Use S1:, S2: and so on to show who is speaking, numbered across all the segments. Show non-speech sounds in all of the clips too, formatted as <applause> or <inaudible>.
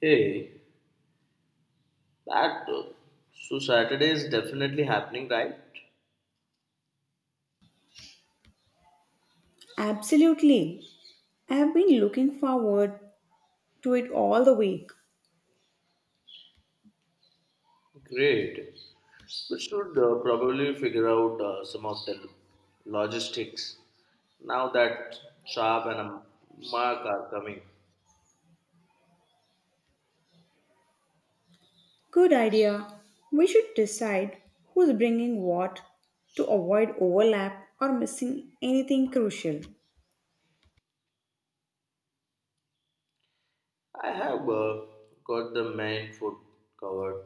S1: Hey, that so Saturday is definitely happening, right?
S2: Absolutely. I have been looking forward to it all the week.
S1: Great. We should probably figure out some of the logistics now that Saab and Mark are coming.
S2: Good idea. We should decide who's bringing what to avoid overlap or missing anything crucial.
S1: I have got the main food covered: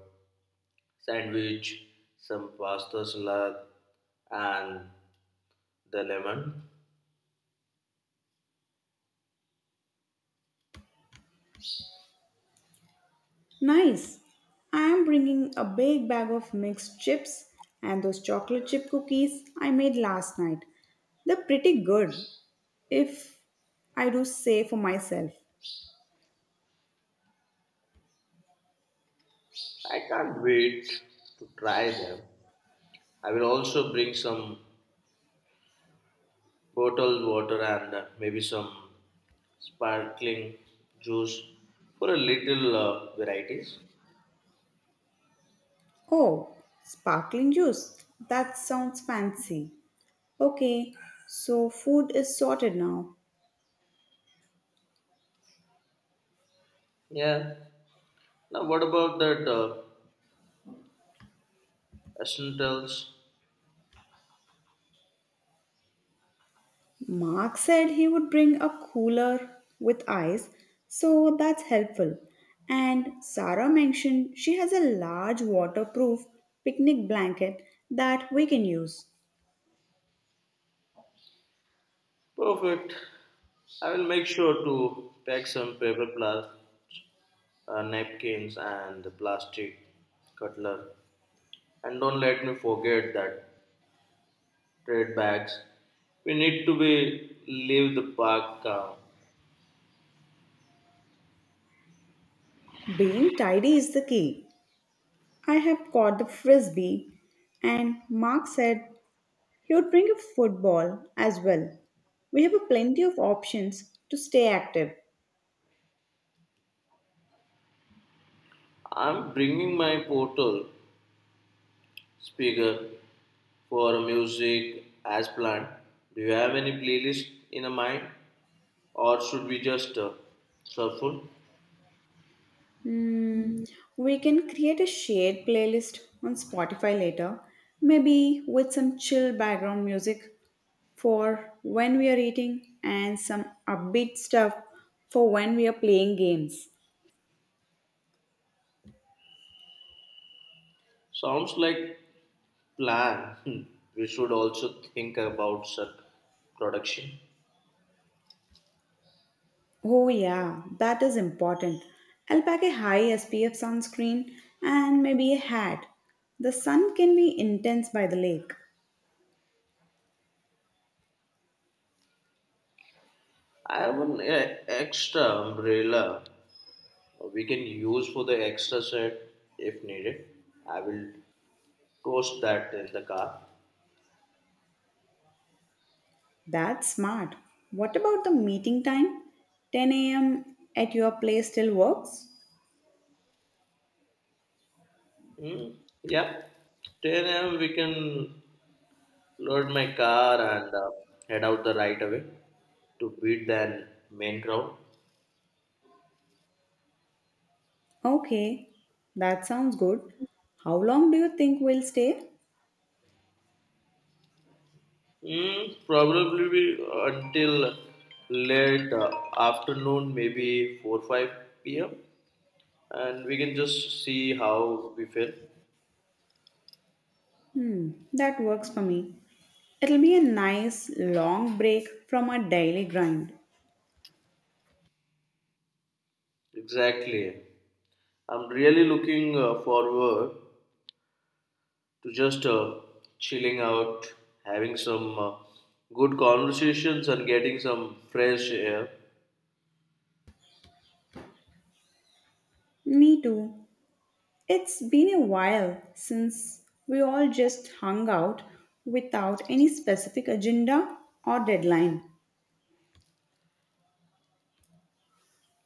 S1: sandwich, some pasta salad, and the lemon.
S2: Nice. I am bringing a big bag of mixed chips and those chocolate chip cookies I made last night. They're pretty good, if I do say for myself.
S1: I can't wait to try them. I will also bring some bottled water and maybe some sparkling juice for a little varieties.
S2: Oh, sparkling juice. That sounds fancy. Okay, so food is sorted now.
S1: Yeah. Now what about that essentials?
S2: Mark said he would bring a cooler with ice, so that's helpful. And Sarah mentioned she has a large waterproof picnic blanket that we can use.
S1: Perfect. I will make sure to pack some paper plus napkins and plastic cutler. And don't let me forget that trade bags. We need to be leave the park calm.
S2: Being tidy is the key. I have caught the frisbee, and Mark said he would bring a football as well. We have a plenty of options to stay active.
S1: I'm bringing my portal speaker for music as planned. Do you have any playlist in a mind, or should we just shuffle?
S2: Hmm, we can create a shared playlist on Spotify later, maybe with some chill background music for when we are eating and some upbeat stuff for when we are playing games.
S1: Sounds like plan. Hmm. We should also think about such production.
S2: Oh, yeah, that is important. I'll pack a high SPF sunscreen and maybe a hat. The sun can be intense by the lake.
S1: I have an extra umbrella we can use for the extra set if needed. I will toast that in the car.
S2: That's smart. What about the meeting time? 10 a.m. at your place still works?
S1: Hmm. Yeah, 10 a.m. we can load my car and head out the right away to beat their main crowd?
S2: Okay, that sounds good. How long do you think we'll stay?
S1: Mm, probably be until late afternoon, maybe 4 5 p.m., and we can just see how we feel.
S2: That works for me. It'll be a nice long break from our daily grind.
S1: Exactly. I'm really looking forward to just chilling out, having some good conversations, and getting some fresh air.
S2: Me too. It's been a while since we all just hung out without any specific agenda or deadline.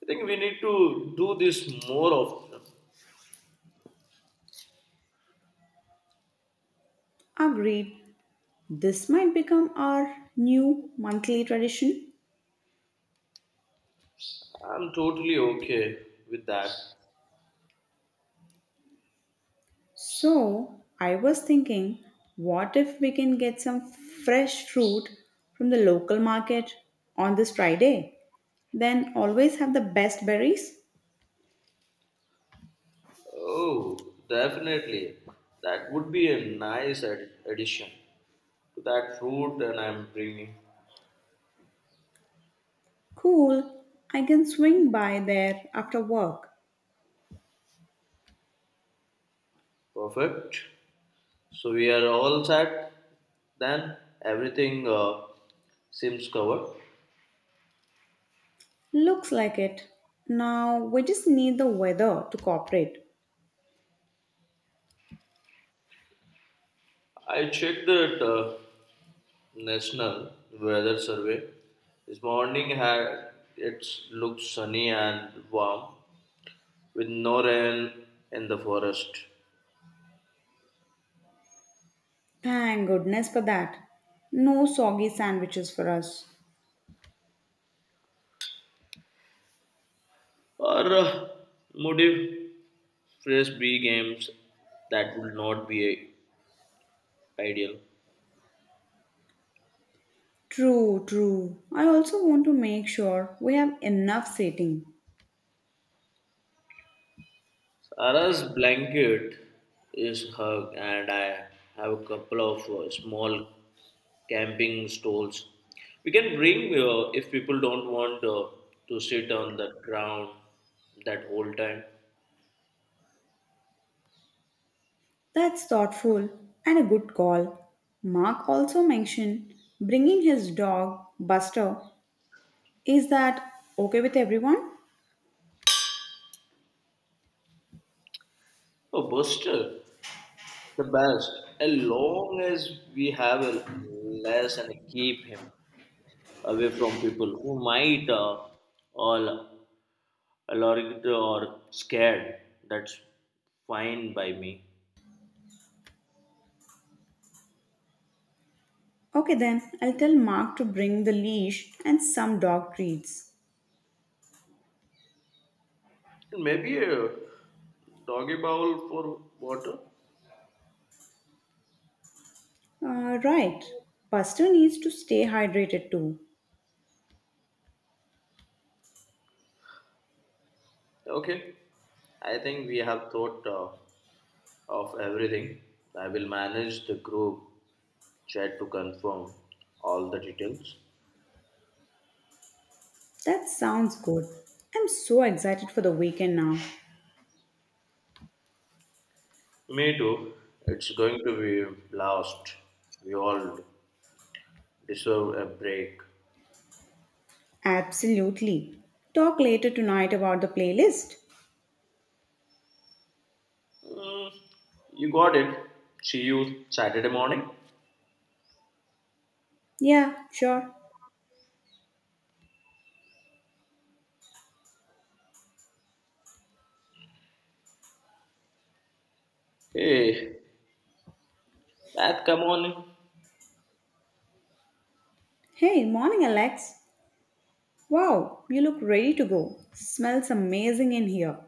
S1: I think we need to do this more often.
S2: Agreed. This might become our new monthly tradition.
S1: I'm totally okay with that.
S2: So, I was thinking, what if we can get some fresh fruit from the local market on this Friday? Then always have the best berries?
S1: Oh, definitely. That would be a nice addition to that fruit and I'm bringing.
S2: Cool, I can swing by there after work.
S1: Perfect. So we are all set. Then everything seems covered.
S2: Looks like it. Now we just need the weather to cooperate.
S1: I checked that national weather survey this morning had it looks sunny and warm with no rain in the forest.
S2: Thank goodness for that. No soggy sandwiches for us.
S1: Or motive frisbee games that would not be ideal.
S2: True, true. I also want to make sure we have enough seating.
S1: Sarah's blanket is hug, and I have a couple of small camping stoles. We can bring if people don't want to sit on the ground that whole time.
S2: That's thoughtful and a good call. Mark also mentioned bringing his dog, Buster. Is that okay with everyone?
S1: Oh, Buster, the best. As long as we have a less and keep him away from people who might all allowing it or scared. That's fine by me.
S2: Okay, then I'll tell Mark to bring the leash and some dog treats.
S1: And maybe a doggy bowl for water.
S2: Right, Buster needs to stay hydrated too.
S1: Okay, I think we have thought of everything. I will manage the group chat to confirm all the details.
S2: That sounds good. I'm so excited for the weekend now.
S1: Me too. It's going to be blast. We all deserve a break.
S2: Absolutely. Talk later tonight about the playlist.
S1: Mm, you got it. See you Saturday morning.
S2: Yeah, sure.
S1: Hey, Matt, come on.
S2: Hey, morning, Alex. Wow, you look ready to go. Smells amazing in here.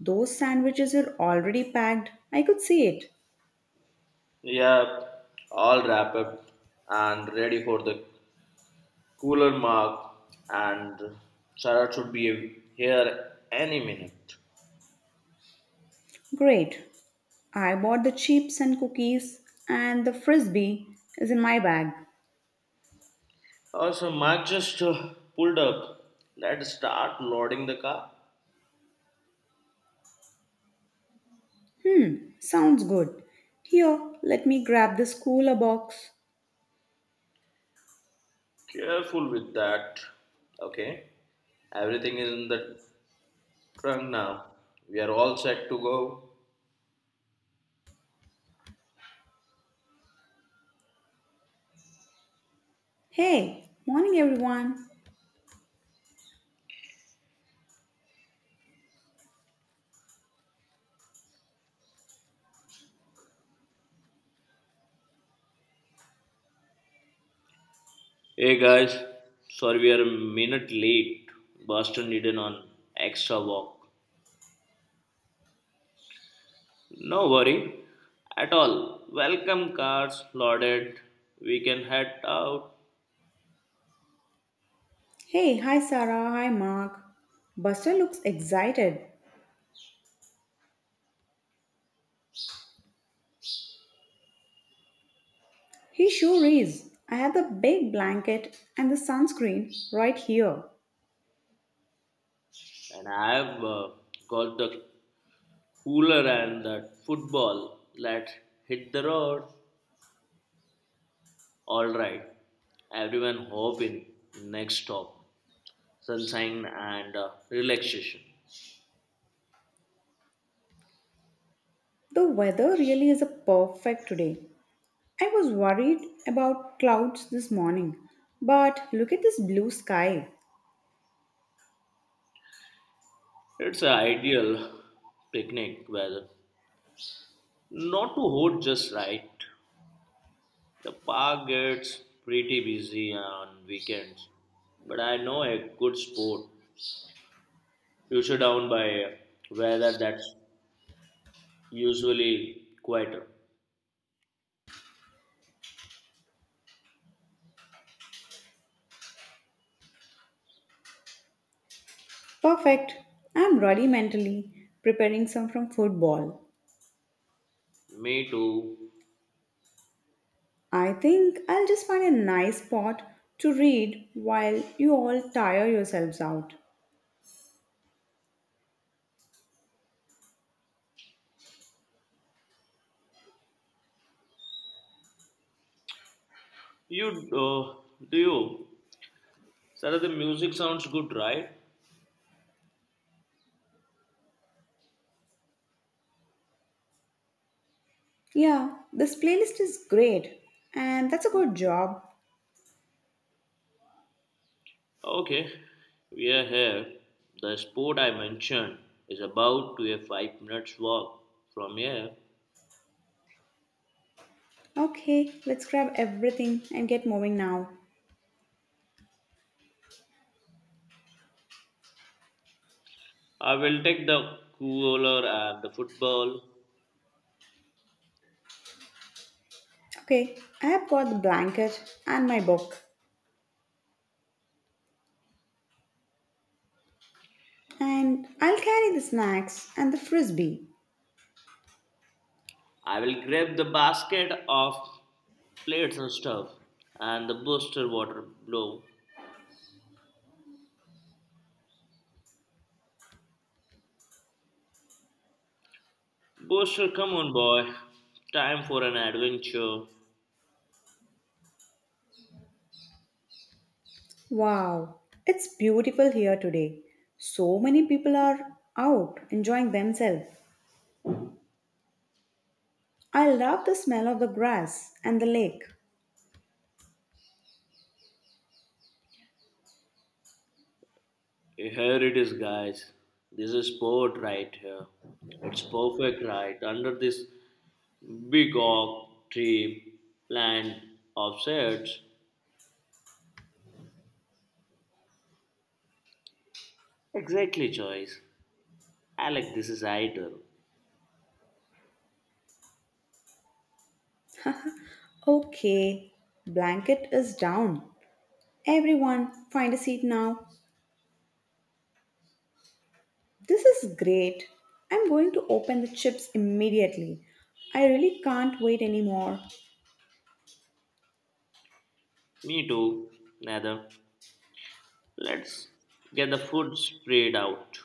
S2: Those sandwiches were already packed. I could see it.
S1: Yeah, all wrap up and ready for the cooler mark. And Sarah should be here any minute.
S2: Great. I bought the chips and cookies, and the frisbee is in my bag.
S1: Also, Mark just pulled up. Let's start loading the car.
S2: Sounds good. Here, let me grab this cooler box.
S1: Careful with that. Okay, everything is in the trunk now. We are all set to go.
S2: Hey, morning everyone.
S1: Hey guys, sorry we are a minute late. Boston needed an extra walk. No worry at all. Welcome cars loaded. We can head out.
S2: Hey, hi Sarah, hi Mark. Buster looks excited. He sure is. I have the big blanket and the sunscreen right here.
S1: And I've got the cooler and the football. Let's hit the road. All right. Everyone hop in. Next stop. Sunshine and relaxation.
S2: The weather really is a perfect today. I was worried about clouds this morning, but look at this blue sky.
S1: It's an ideal picnic weather. Not too hot, just right. The park gets pretty busy on weekends, but I know a good spot future down by weather that's usually quieter.
S2: Perfect. I'm ready mentally, preparing some from football.
S1: Me too.
S2: I think I'll just find a nice spot to read while you all tire yourselves out.
S1: You uh, do you, sir, the music sounds good, right?
S2: Yeah, this playlist is great, and that's a good job.
S1: Okay, we are here. The sport I mentioned is about to a 5 minute walk from here.
S2: Okay, let's grab everything and get moving now.
S1: I will take the cooler and the football.
S2: Okay, I have got the blanket and my book. And I'll carry the snacks and the frisbee.
S1: I will grab the basket of plates and stuff and the booster water blow. Buster, come on, boy. Time for an adventure.
S2: Wow, it's beautiful here today. So many people are out enjoying themselves. I love the smell of the grass and the lake.
S1: Here it is, guys. This is sport right here. It's perfect right under this big oak tree plant of shades. Exactly, Joyce. Alec, this is ideal.
S2: Okay, blanket is down. Everyone, find a seat now. This is great. I'm going to open the chips immediately. I really can't wait anymore.
S1: Me too, Nether. Let's get the food spread out.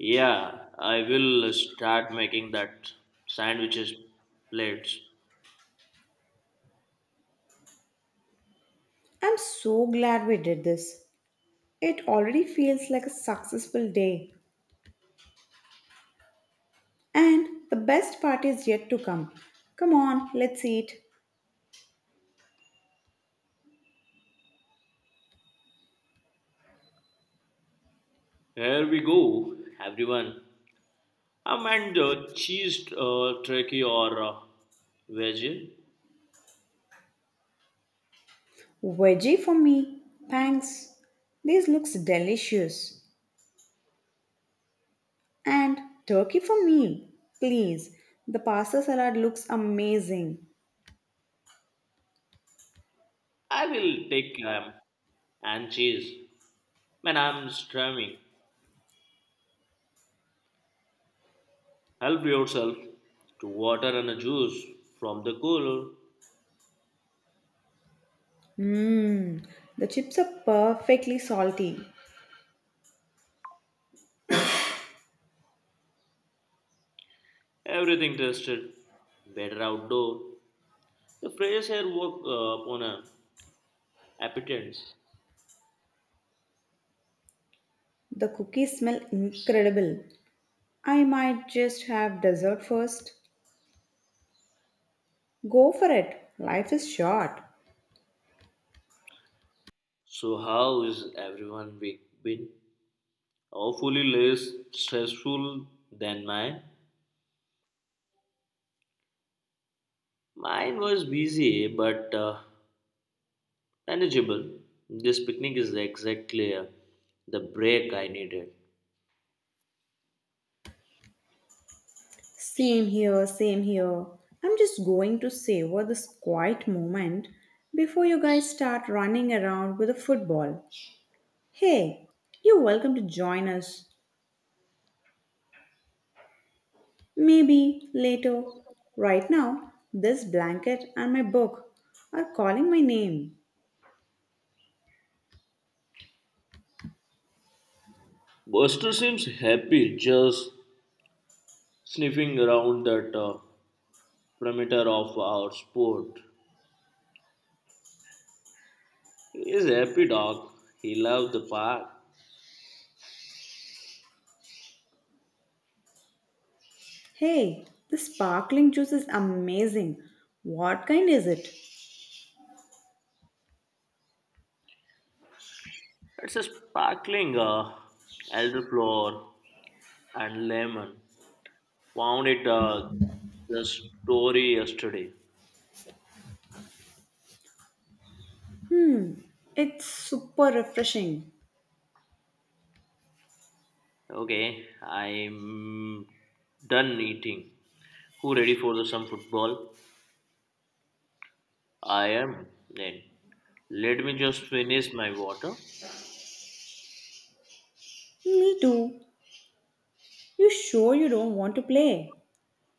S1: Yeah, I will start making that sandwiches plates.
S2: I'm so glad we did this. It already feels like a successful day. And the best part is yet to come. Come on, let's eat.
S1: Here we go, everyone. And Cheese, turkey, or veggie?
S2: Veggie for me. Thanks. This looks delicious. And turkey for me. Please. The pasta salad looks amazing.
S1: I will take ham and cheese. Man, I'm starving. Help yourself to water and a juice from the cooler.
S2: Mmm. The chips are perfectly salty.
S1: Everything tasted better outdoor. The fresh air woke upon an appetite.
S2: The cookies smell incredible. I might just have dessert first. Go for it. Life is short.
S1: So how is everyone week been? Hopefully less stressful than mine. Mine was busy, but manageable. This picnic is exactly the break I needed.
S2: Same here, same here. I'm just going to savor this quiet moment before you guys start running around with a football. Hey, you're welcome to join us. Maybe later. Right now, this blanket and my book are calling my name.
S1: Buster seems happy just sniffing around that perimeter of our sport. He is a happy dog. He loves the park.
S2: Hey, this sparkling juice is amazing. What kind is it?
S1: It's a sparkling elderflower and lemon. Found it the story yesterday.
S2: Hmm, it's super refreshing.
S1: Okay, I'm done eating. Who ready for the some football? I am then. Let me just finish my water.
S2: Me too. You sure you don't want to play?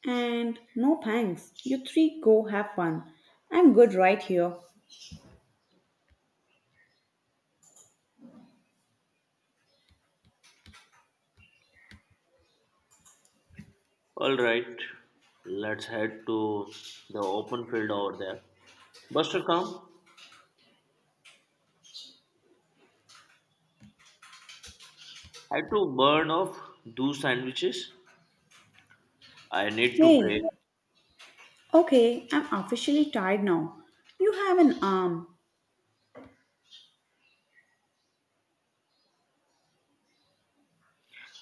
S2: And no thanks, you three go have fun. I'm good right here.
S1: All right, let's head to the open field over there. Buster, come. I had to burn off those sandwiches. I need to break.
S2: Hey, okay, I'm officially tired now. You have an arm.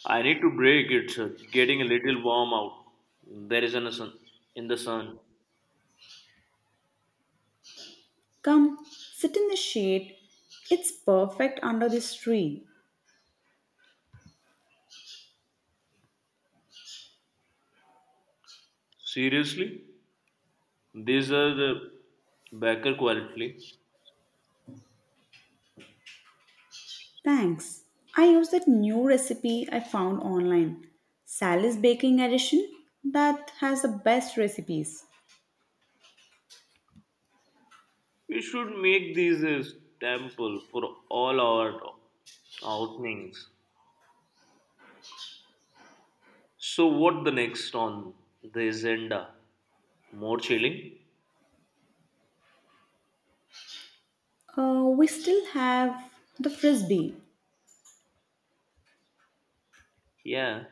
S1: I need to break. It's getting a little warm out. There is an sun in the sun.
S2: Come, sit in the shade. It's perfect under this tree.
S1: Seriously, these are the baker quality.
S2: Thanks. I used that new recipe I found online. Sally's Baking Edition that has the best recipes.
S1: We should make these a staple for all our outings. So what the next on the agenda? More chilling?
S2: We still have the frisbee.
S1: Yeah,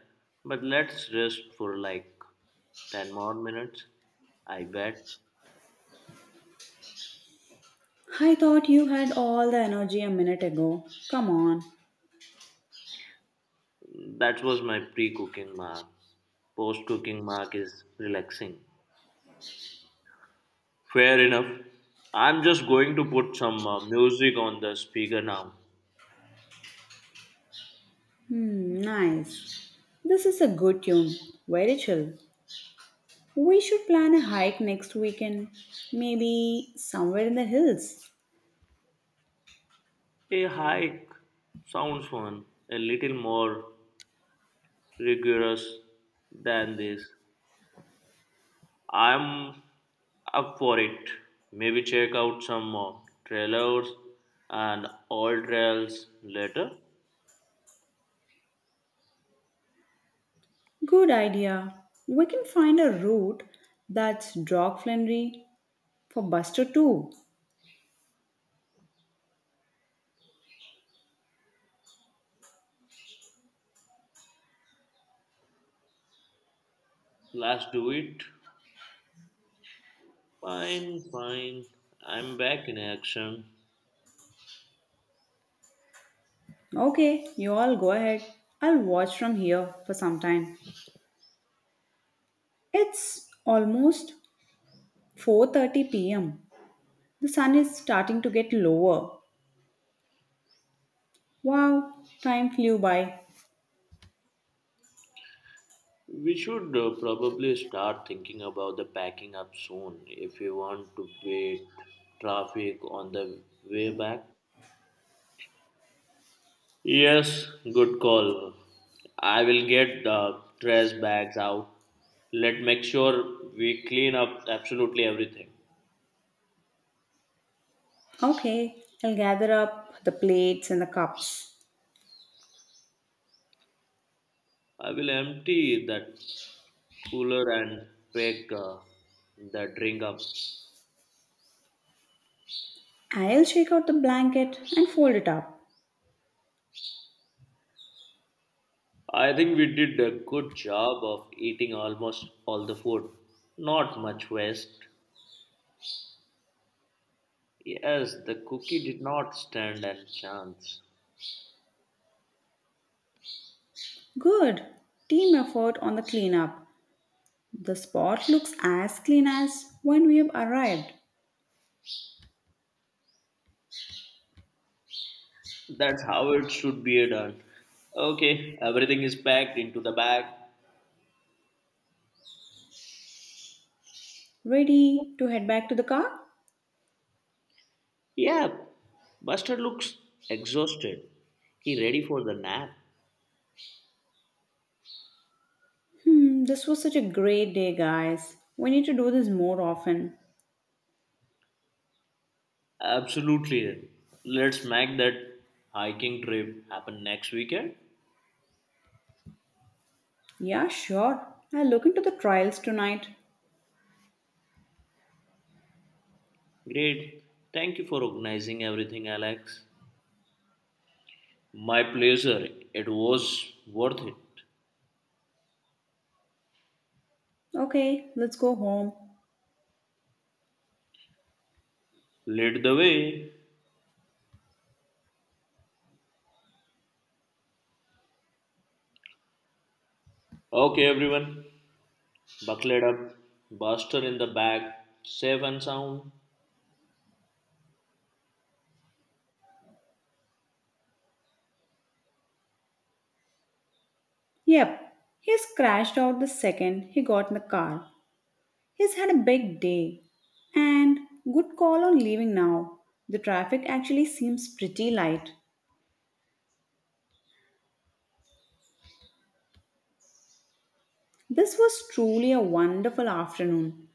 S1: but let's rest for like 10 more minutes. I bet.
S2: I thought you had all the energy a minute ago. Come on.
S1: That was my pre-cooking mark. Post-cooking mark is relaxing. Fair enough. I'm just going to put some music on the speaker now.
S2: Hmm, nice. This is a good tune. Very chill. We should plan a hike next weekend. Maybe somewhere in the hills.
S1: A hike sounds fun, a little more rigorous than this. I'm up for it. Maybe check out some trailers and all trails later.
S2: Good idea. We can find a route that's dog-friendly for Buster too.
S1: Let's do it. Fine, fine. I'm back in action.
S2: Okay, you all go ahead. I'll watch from here for some time. It's almost 4:30 p.m. The sun is starting to get lower. Wow, time flew by.
S1: We should probably start thinking about the packing up soon if we want to beat traffic on the way back. Yes, good call. I will get the trash bags out. Let make sure we clean up absolutely everything.
S2: Okay, I'll gather up the plates and the cups.
S1: I will empty that cooler and pack the drink up.
S2: I'll shake out the blanket and fold it up.
S1: I think we did a good job of eating almost all the food. Not much waste. Yes, the cookie did not stand a chance.
S2: Good. Team effort on the cleanup. The spot looks as clean as when we have arrived.
S1: That's how it should be done. Okay, everything is packed into the bag.
S2: Ready to head back to the car?
S1: Yeah, Buster looks exhausted. He ready for the nap.
S2: This was such a great day, guys. We need to do this more often.
S1: Absolutely. Let's make that hiking trip happen next weekend.
S2: Yeah, sure. I'll look into the trials tonight.
S1: Great. Thank you for organizing everything, Alex. My pleasure. It was worth it.
S2: Okay, let's go home.
S1: Lead the way. Okay, everyone. Buckled up. Buster in the bag. Safe and sound.
S2: Yep, he scratched out the second he got in the car. He's had a big day. And good call on leaving now. The traffic actually seems pretty light. This was truly a wonderful afternoon.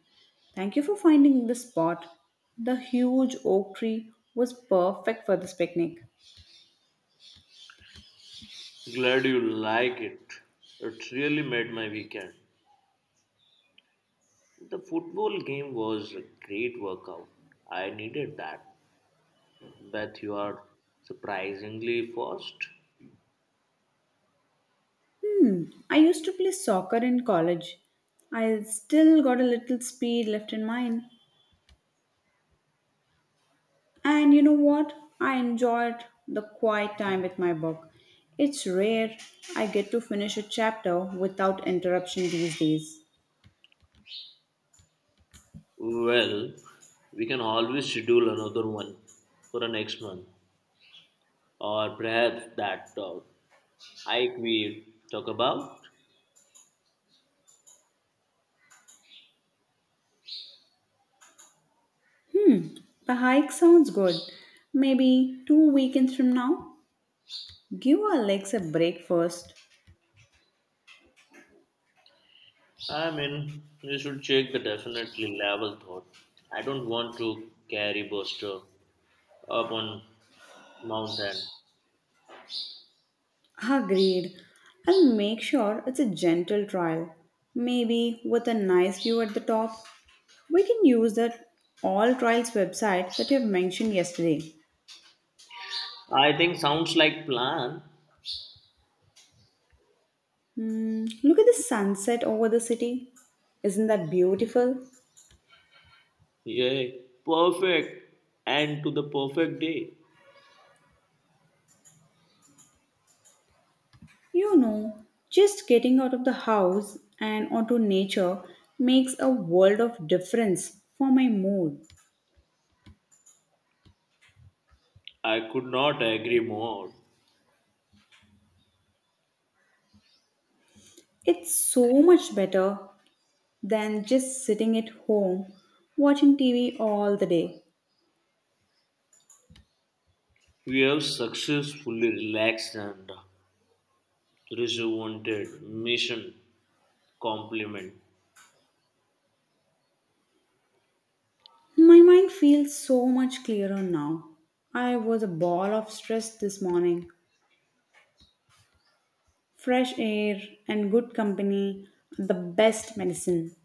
S2: Thank you for finding this spot. The huge oak tree was perfect for this picnic.
S1: Glad you like it. It really made my weekend. The football game was a great workout. I needed that. Beth, you are surprisingly fast.
S2: Hmm, I used to play soccer in college. I still got a little speed left in mine. And you know what? I enjoyed the quiet time with my book. It's rare I get to finish a chapter without interruption these days.
S1: Well, we can always schedule another one for the next month, or perhaps that hike we talk about.
S2: Hmm, The hike sounds good. Maybe two weekends from now? Give our legs a break first.
S1: I mean, we should check the definitely level thought. I don't want to carry Buster up on mountain.
S2: Agreed. I'll make sure it's a gentle trial. Maybe with a nice view at the top. We can use that All Trials website that you've mentioned yesterday.
S1: I think sounds like plan.
S2: Mm, look at the sunset over the city. Isn't that beautiful?
S1: Yeah, perfect. And to the perfect day.
S2: You know, just getting out of the house and onto nature makes a world of difference for my mood.
S1: I could not agree more.
S2: It's so much better than just sitting at home watching TV all the day.
S1: We have successfully relaxed and rejuvenated mission compliment.
S2: My mind feels so much clearer now. I was a ball of stress this morning. Fresh air and good company, the best medicine.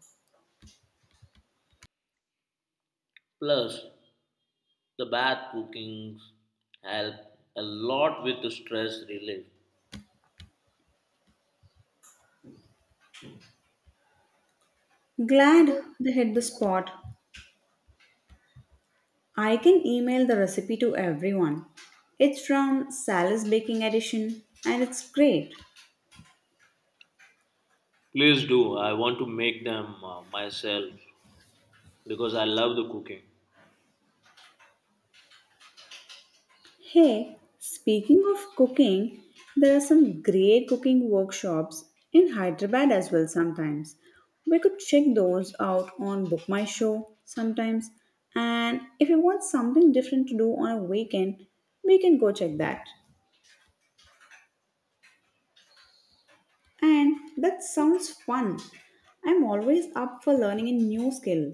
S1: Plus, the bath cookings help a lot with the stress relief.
S2: Glad they hit the spot. I can email the recipe to everyone. It's from Sally's Baking Edition and it's great.
S1: Please do. I want to make them myself because I love the cooking.
S2: Hey, speaking of cooking, there are some great cooking workshops in Hyderabad as well sometimes. We could check those out on Book My Show sometimes. And if you want something different to do on a weekend, we can go check that. And that sounds fun. I'm always up for learning a new skill.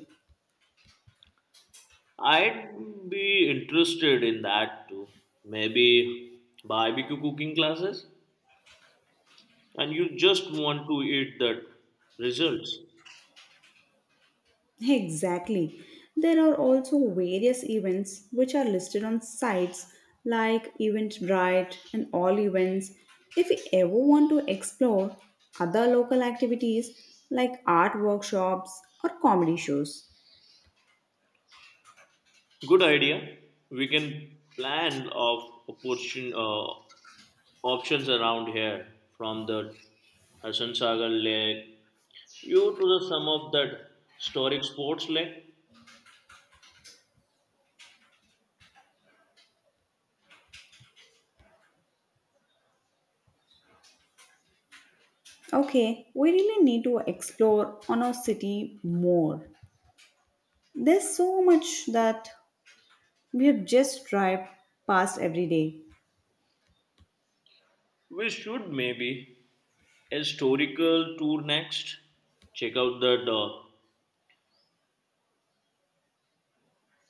S1: I'd be interested in that too. Maybe barbecue cooking classes, and you just want to eat that results.
S2: Exactly. There are also various events which are listed on sites like Eventbrite and All Events. If you ever want to explore other local activities like art workshops or comedy shows.
S1: Good idea. We can plan of opportun options around here from the Hassan Sagar Lake due to the some of that historic sports leg.
S2: Okay, we really need to explore on our city more. There's so much that we have just drive past every day.
S1: We should maybe a historical tour next. Check out that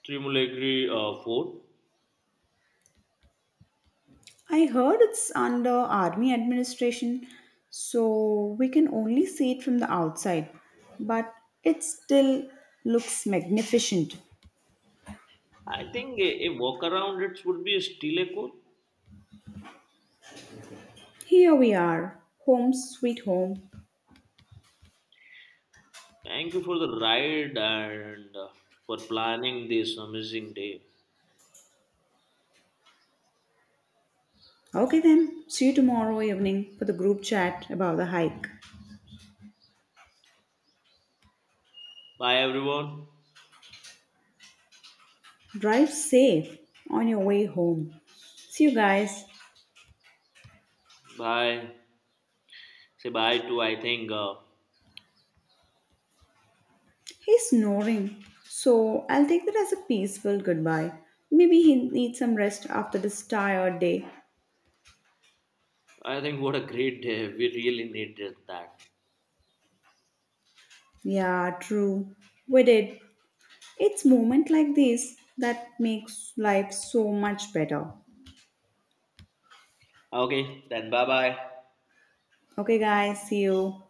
S1: Trimulegri fort.
S2: I heard it's under army administration, so we can only see it from the outside, but it still looks magnificent.
S1: I think a walk around it would be still a cool.
S2: Here we are, home sweet home.
S1: Thank you for the ride and for planning this amazing day.
S2: Okay then, see you tomorrow evening for the group chat about the hike.
S1: Bye everyone.
S2: Drive safe on your way home. See you guys.
S1: Bye. Say bye to. I think
S2: He's snoring, so I'll take that as a peaceful goodbye. Maybe he needs some rest after this tired day.
S1: I think what a great day. <laughs> We really needed that.
S2: Yeah, true. We did. It's moment like this that makes life so much better.
S1: Okay, then bye bye.
S2: Okay, guys, see you.